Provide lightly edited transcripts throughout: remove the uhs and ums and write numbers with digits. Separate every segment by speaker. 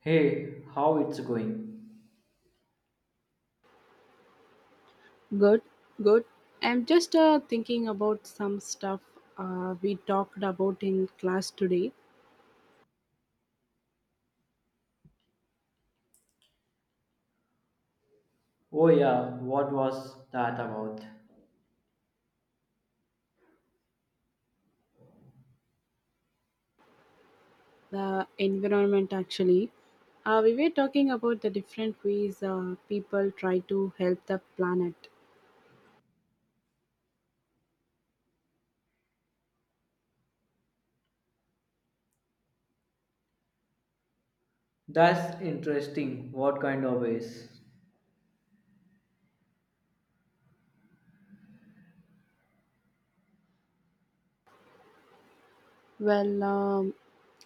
Speaker 1: Hey, how it's going?
Speaker 2: Good, good. I'm just thinking about some stuff we talked about in class today,
Speaker 1: Oh yeah, what was that about?
Speaker 2: the environment actually. We were talking about the different ways people try to help the planet.
Speaker 1: That's interesting. What kind of waste?
Speaker 2: Well, um,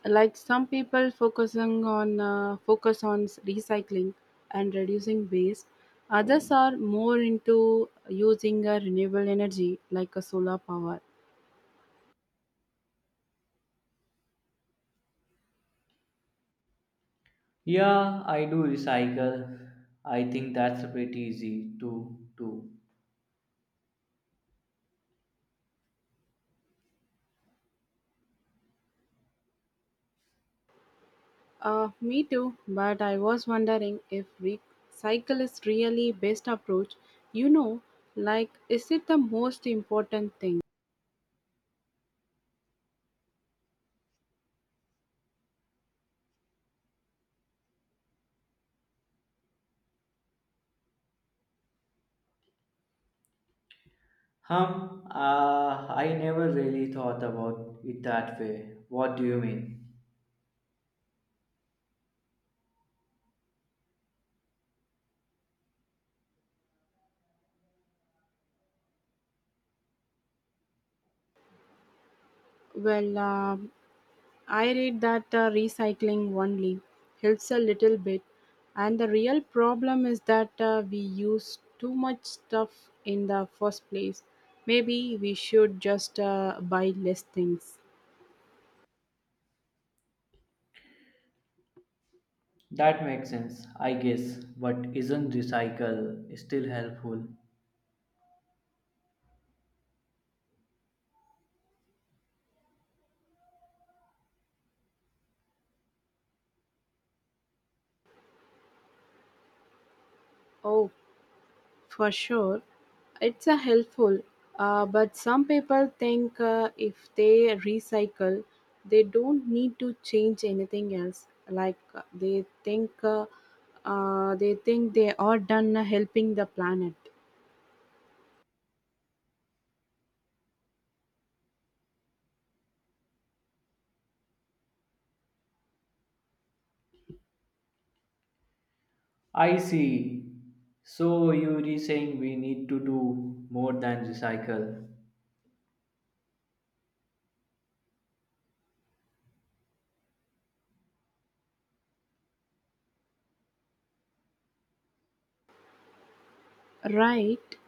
Speaker 2: like some people focusing on recycling and reducing waste. Others are more into using a renewable energy like a solar power.
Speaker 1: Yeah, I do recycle. I think that's pretty easy to do.
Speaker 2: Me too, but I was wondering if recycle is really best approach. You know, like is it the most important thing?
Speaker 1: Hum, I never really thought about it that way. What do you mean?
Speaker 2: Well, um, I read that recycling only helps a little bit, and the real problem is that we use too much stuff in the first place. Maybe we should just buy less things.
Speaker 1: That makes sense, I guess. But isn't recycle still helpful?
Speaker 2: Oh, for sure, it's a helpful, but some people think if they recycle, they don't need to change anything else. Like they think they are done helping the planet.
Speaker 1: I see. So you're saying we need to do more than recycle.
Speaker 2: Right.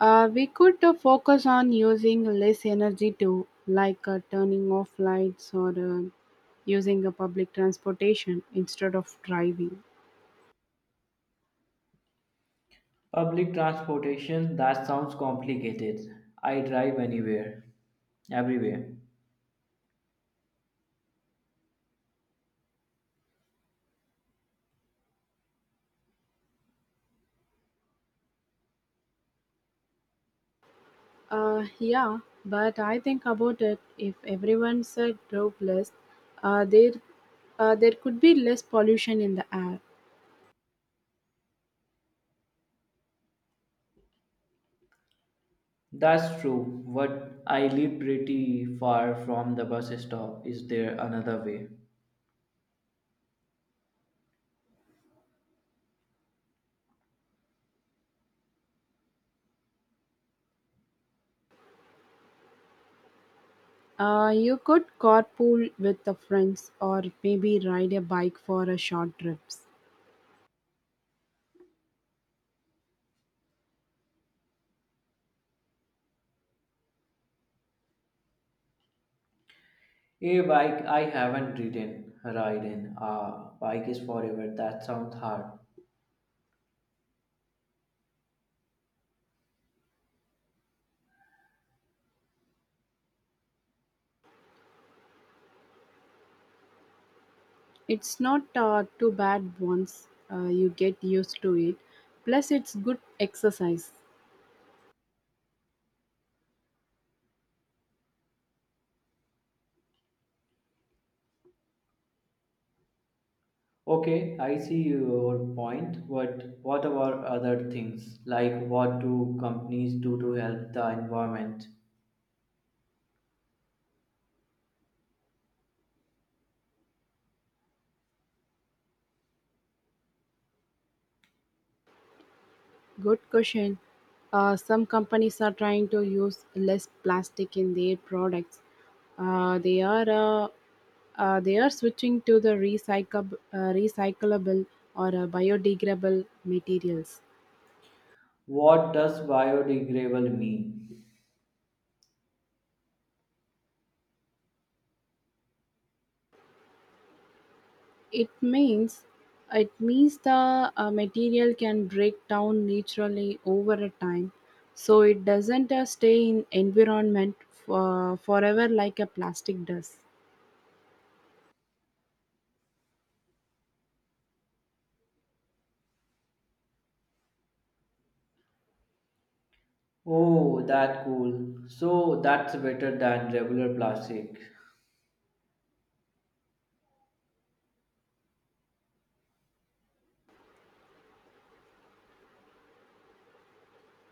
Speaker 2: We could focus on using less energy too, like turning off lights or using a public transportation instead of driving.
Speaker 1: Public transportation, that sounds complicated. I drive anywhere, everywhere.
Speaker 2: Yeah, but I think about it. If everyone said drove less, uh, there, there could be less pollution in the air.
Speaker 1: That's true, but I live pretty far from the bus stop. Is there another way?
Speaker 2: You could carpool with the friends or maybe ride a bike for a short trips.
Speaker 1: A bike, I haven't ridden. Ah, bike is forever. That sounds hard.
Speaker 2: It's not too bad once you get used to it. Plus, it's good exercise.
Speaker 1: Okay, I see your point, but what about other things? Like what do companies do to help the environment?
Speaker 2: Good question. Some companies are trying to use less plastic in their products. Uh, they are uh, they are switching to the recyclable or biodegradable materials.
Speaker 1: What does biodegradable mean?
Speaker 2: It means it means the material can break down naturally over a time, so it doesn't stay in environment forever like a plastic does.
Speaker 1: Oh, that cool. So that's better than regular plastic.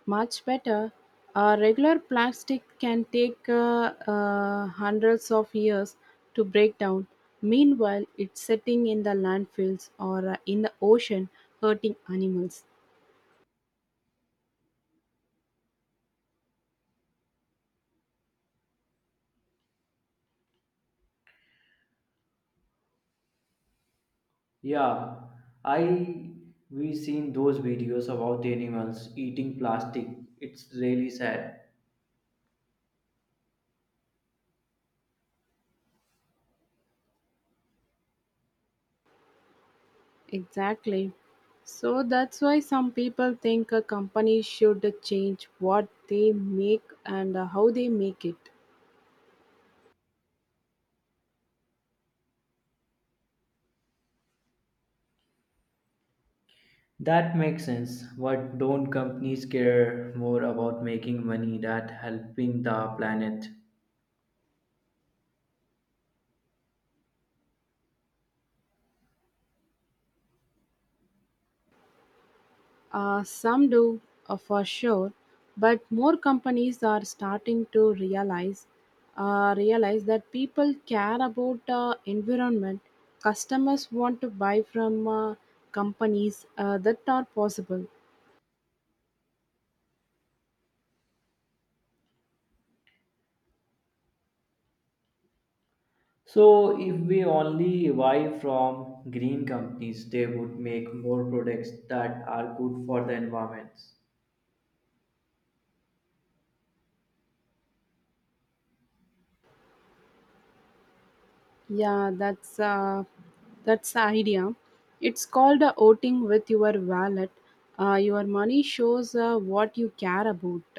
Speaker 2: Much better. A regular plastic can take hundreds of years to break down. Meanwhile, it's sitting in the landfills or in the ocean hurting animals.
Speaker 1: Yeah, I we seen those videos about animals eating plastic. It's really sad.
Speaker 2: Exactly. So that's why some people think a company should change what they make and how they make it.
Speaker 1: That makes sense. But don't companies care more about making money than helping the planet?
Speaker 2: Some do, for sure, but more companies are starting to realize that people care about environment. Customers want to buy from companies that are possible.
Speaker 1: So if we only buy from green companies, they would make more products that are good for the environment.
Speaker 2: Yeah, that's the idea. It's called voting with your wallet. Your money shows what you care about.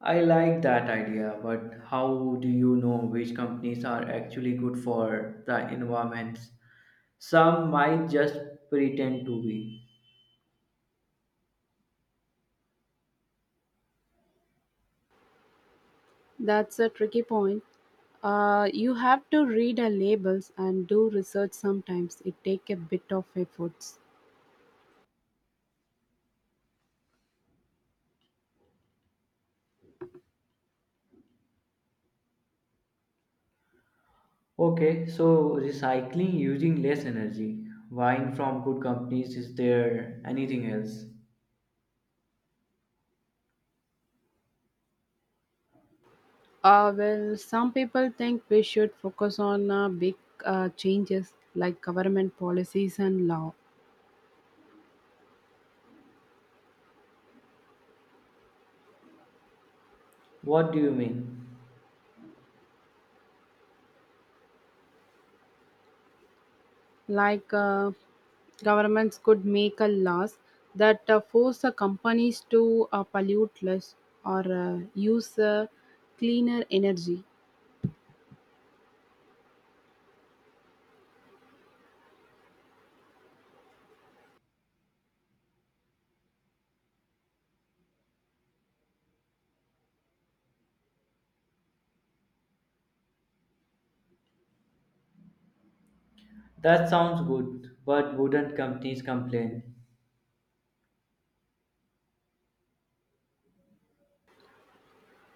Speaker 1: I like that idea, but how do you know which companies are actually good for the environments? Some might just pretend to be.
Speaker 2: That's a tricky point. You have to read the labels and do research sometimes. It take a bit of efforts.
Speaker 1: Okay, so recycling using less energy, buying from good companies, is there anything else?
Speaker 2: Some people think we should focus on big changes like government policies and law.
Speaker 1: What do you mean?
Speaker 2: Like governments could make a laws that force the companies to pollute less or use cleaner energy.
Speaker 1: That sounds good, but wouldn't companies complain?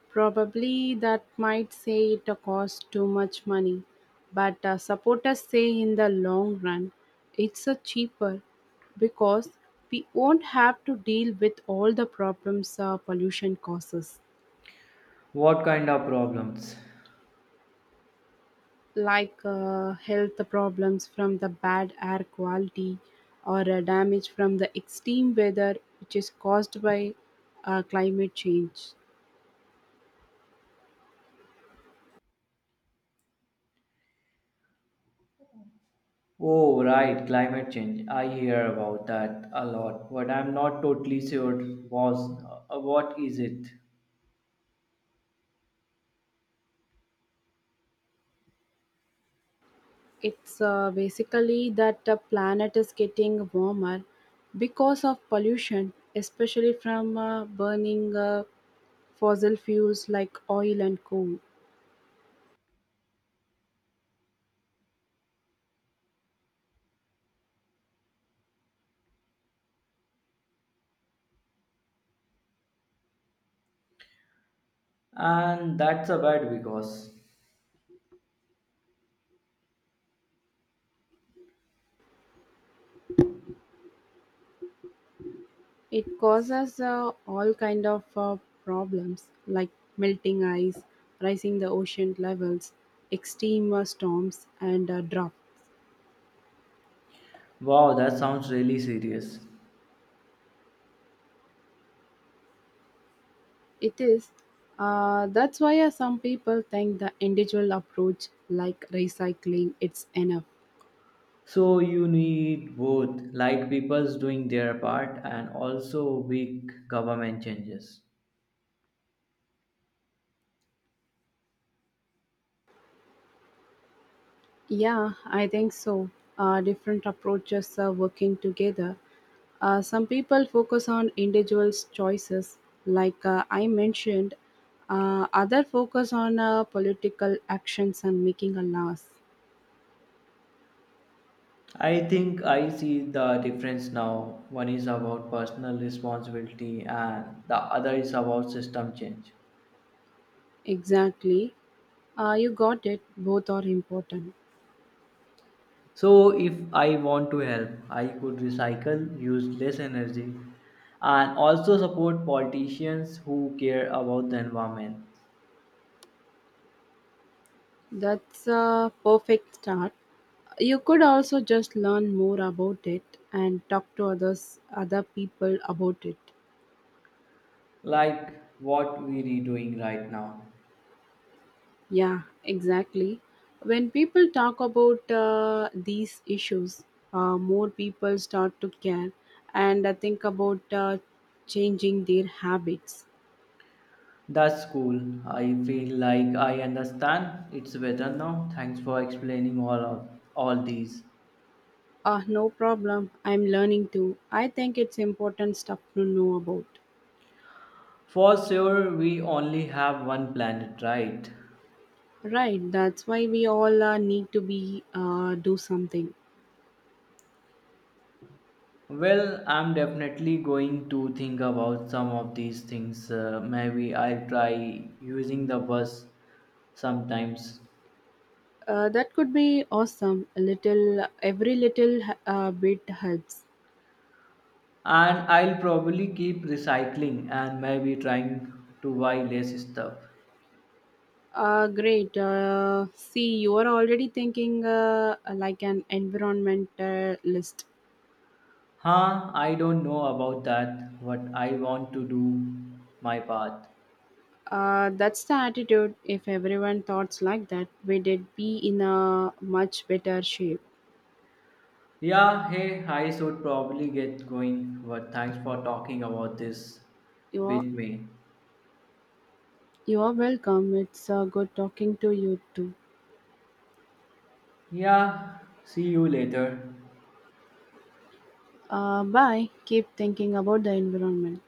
Speaker 2: Probably that might say it costs too much money, but supporters say in the long run it's cheaper because we won't have to deal with all the problems pollution causes,
Speaker 1: What kind of problems?
Speaker 2: like health problems from the bad air quality or damage from the extreme weather which is caused by climate change.
Speaker 1: Oh, right, climate change. I hear about that a lot, but I'm not totally sure was what is it.
Speaker 2: It's basically that the planet is getting warmer because of pollution, especially from burning fossil fuels like oil and coal.
Speaker 1: And that's a bad because
Speaker 2: It causes all kind of problems like melting ice, rising the ocean levels, extreme storms, and drought.
Speaker 1: wow, that sounds really serious.
Speaker 2: It is. That's why some people think the individual approach like recycling it's enough.
Speaker 1: So you need both, like people's doing their part and also big government changes.
Speaker 2: Yeah, I think so. Different approaches are working together. Some people focus on individuals' choices, like I mentioned. Other focus on political actions and making a loss.
Speaker 1: I think I see the difference now. One is about personal responsibility and the other is about system change.
Speaker 2: Exactly. You got it. Both are important.
Speaker 1: So, if I want to help, I could recycle, use less energy, and also support politicians who care about the environment,
Speaker 2: That's a perfect start. You could also just learn more about it and talk to other people about it.
Speaker 1: like what we are doing right now.
Speaker 2: Yeah, exactly. When people talk about these issues, more people start to care and think about changing their habits.
Speaker 1: That's cool. I feel like I understand. It's better now. Thanks for explaining all these.
Speaker 2: No problem, I'm learning too. I think it's important stuff to know about.
Speaker 1: For sure, we only have one planet, right?
Speaker 2: Right, that's why we all need to be do something.
Speaker 1: Well, I'm definitely going to think about some of these things. Maybe I'll try using the bus sometimes.
Speaker 2: That could be awesome. Every little bit helps.
Speaker 1: And I'll probably keep recycling and maybe trying to buy less stuff.
Speaker 2: Great. See, you are already thinking like an environmentalist.
Speaker 1: Huh, I don't know about that, but I want to do my part.
Speaker 2: That's the attitude. If everyone thoughts like that, we did be in a much better shape.
Speaker 1: Yeah, hey, I should probably get going, but thanks for talking about this
Speaker 2: You are,
Speaker 1: with me.
Speaker 2: you are welcome. It's good talking to you too.
Speaker 1: Yeah, see you later.
Speaker 2: Bye. Keep thinking about the environment.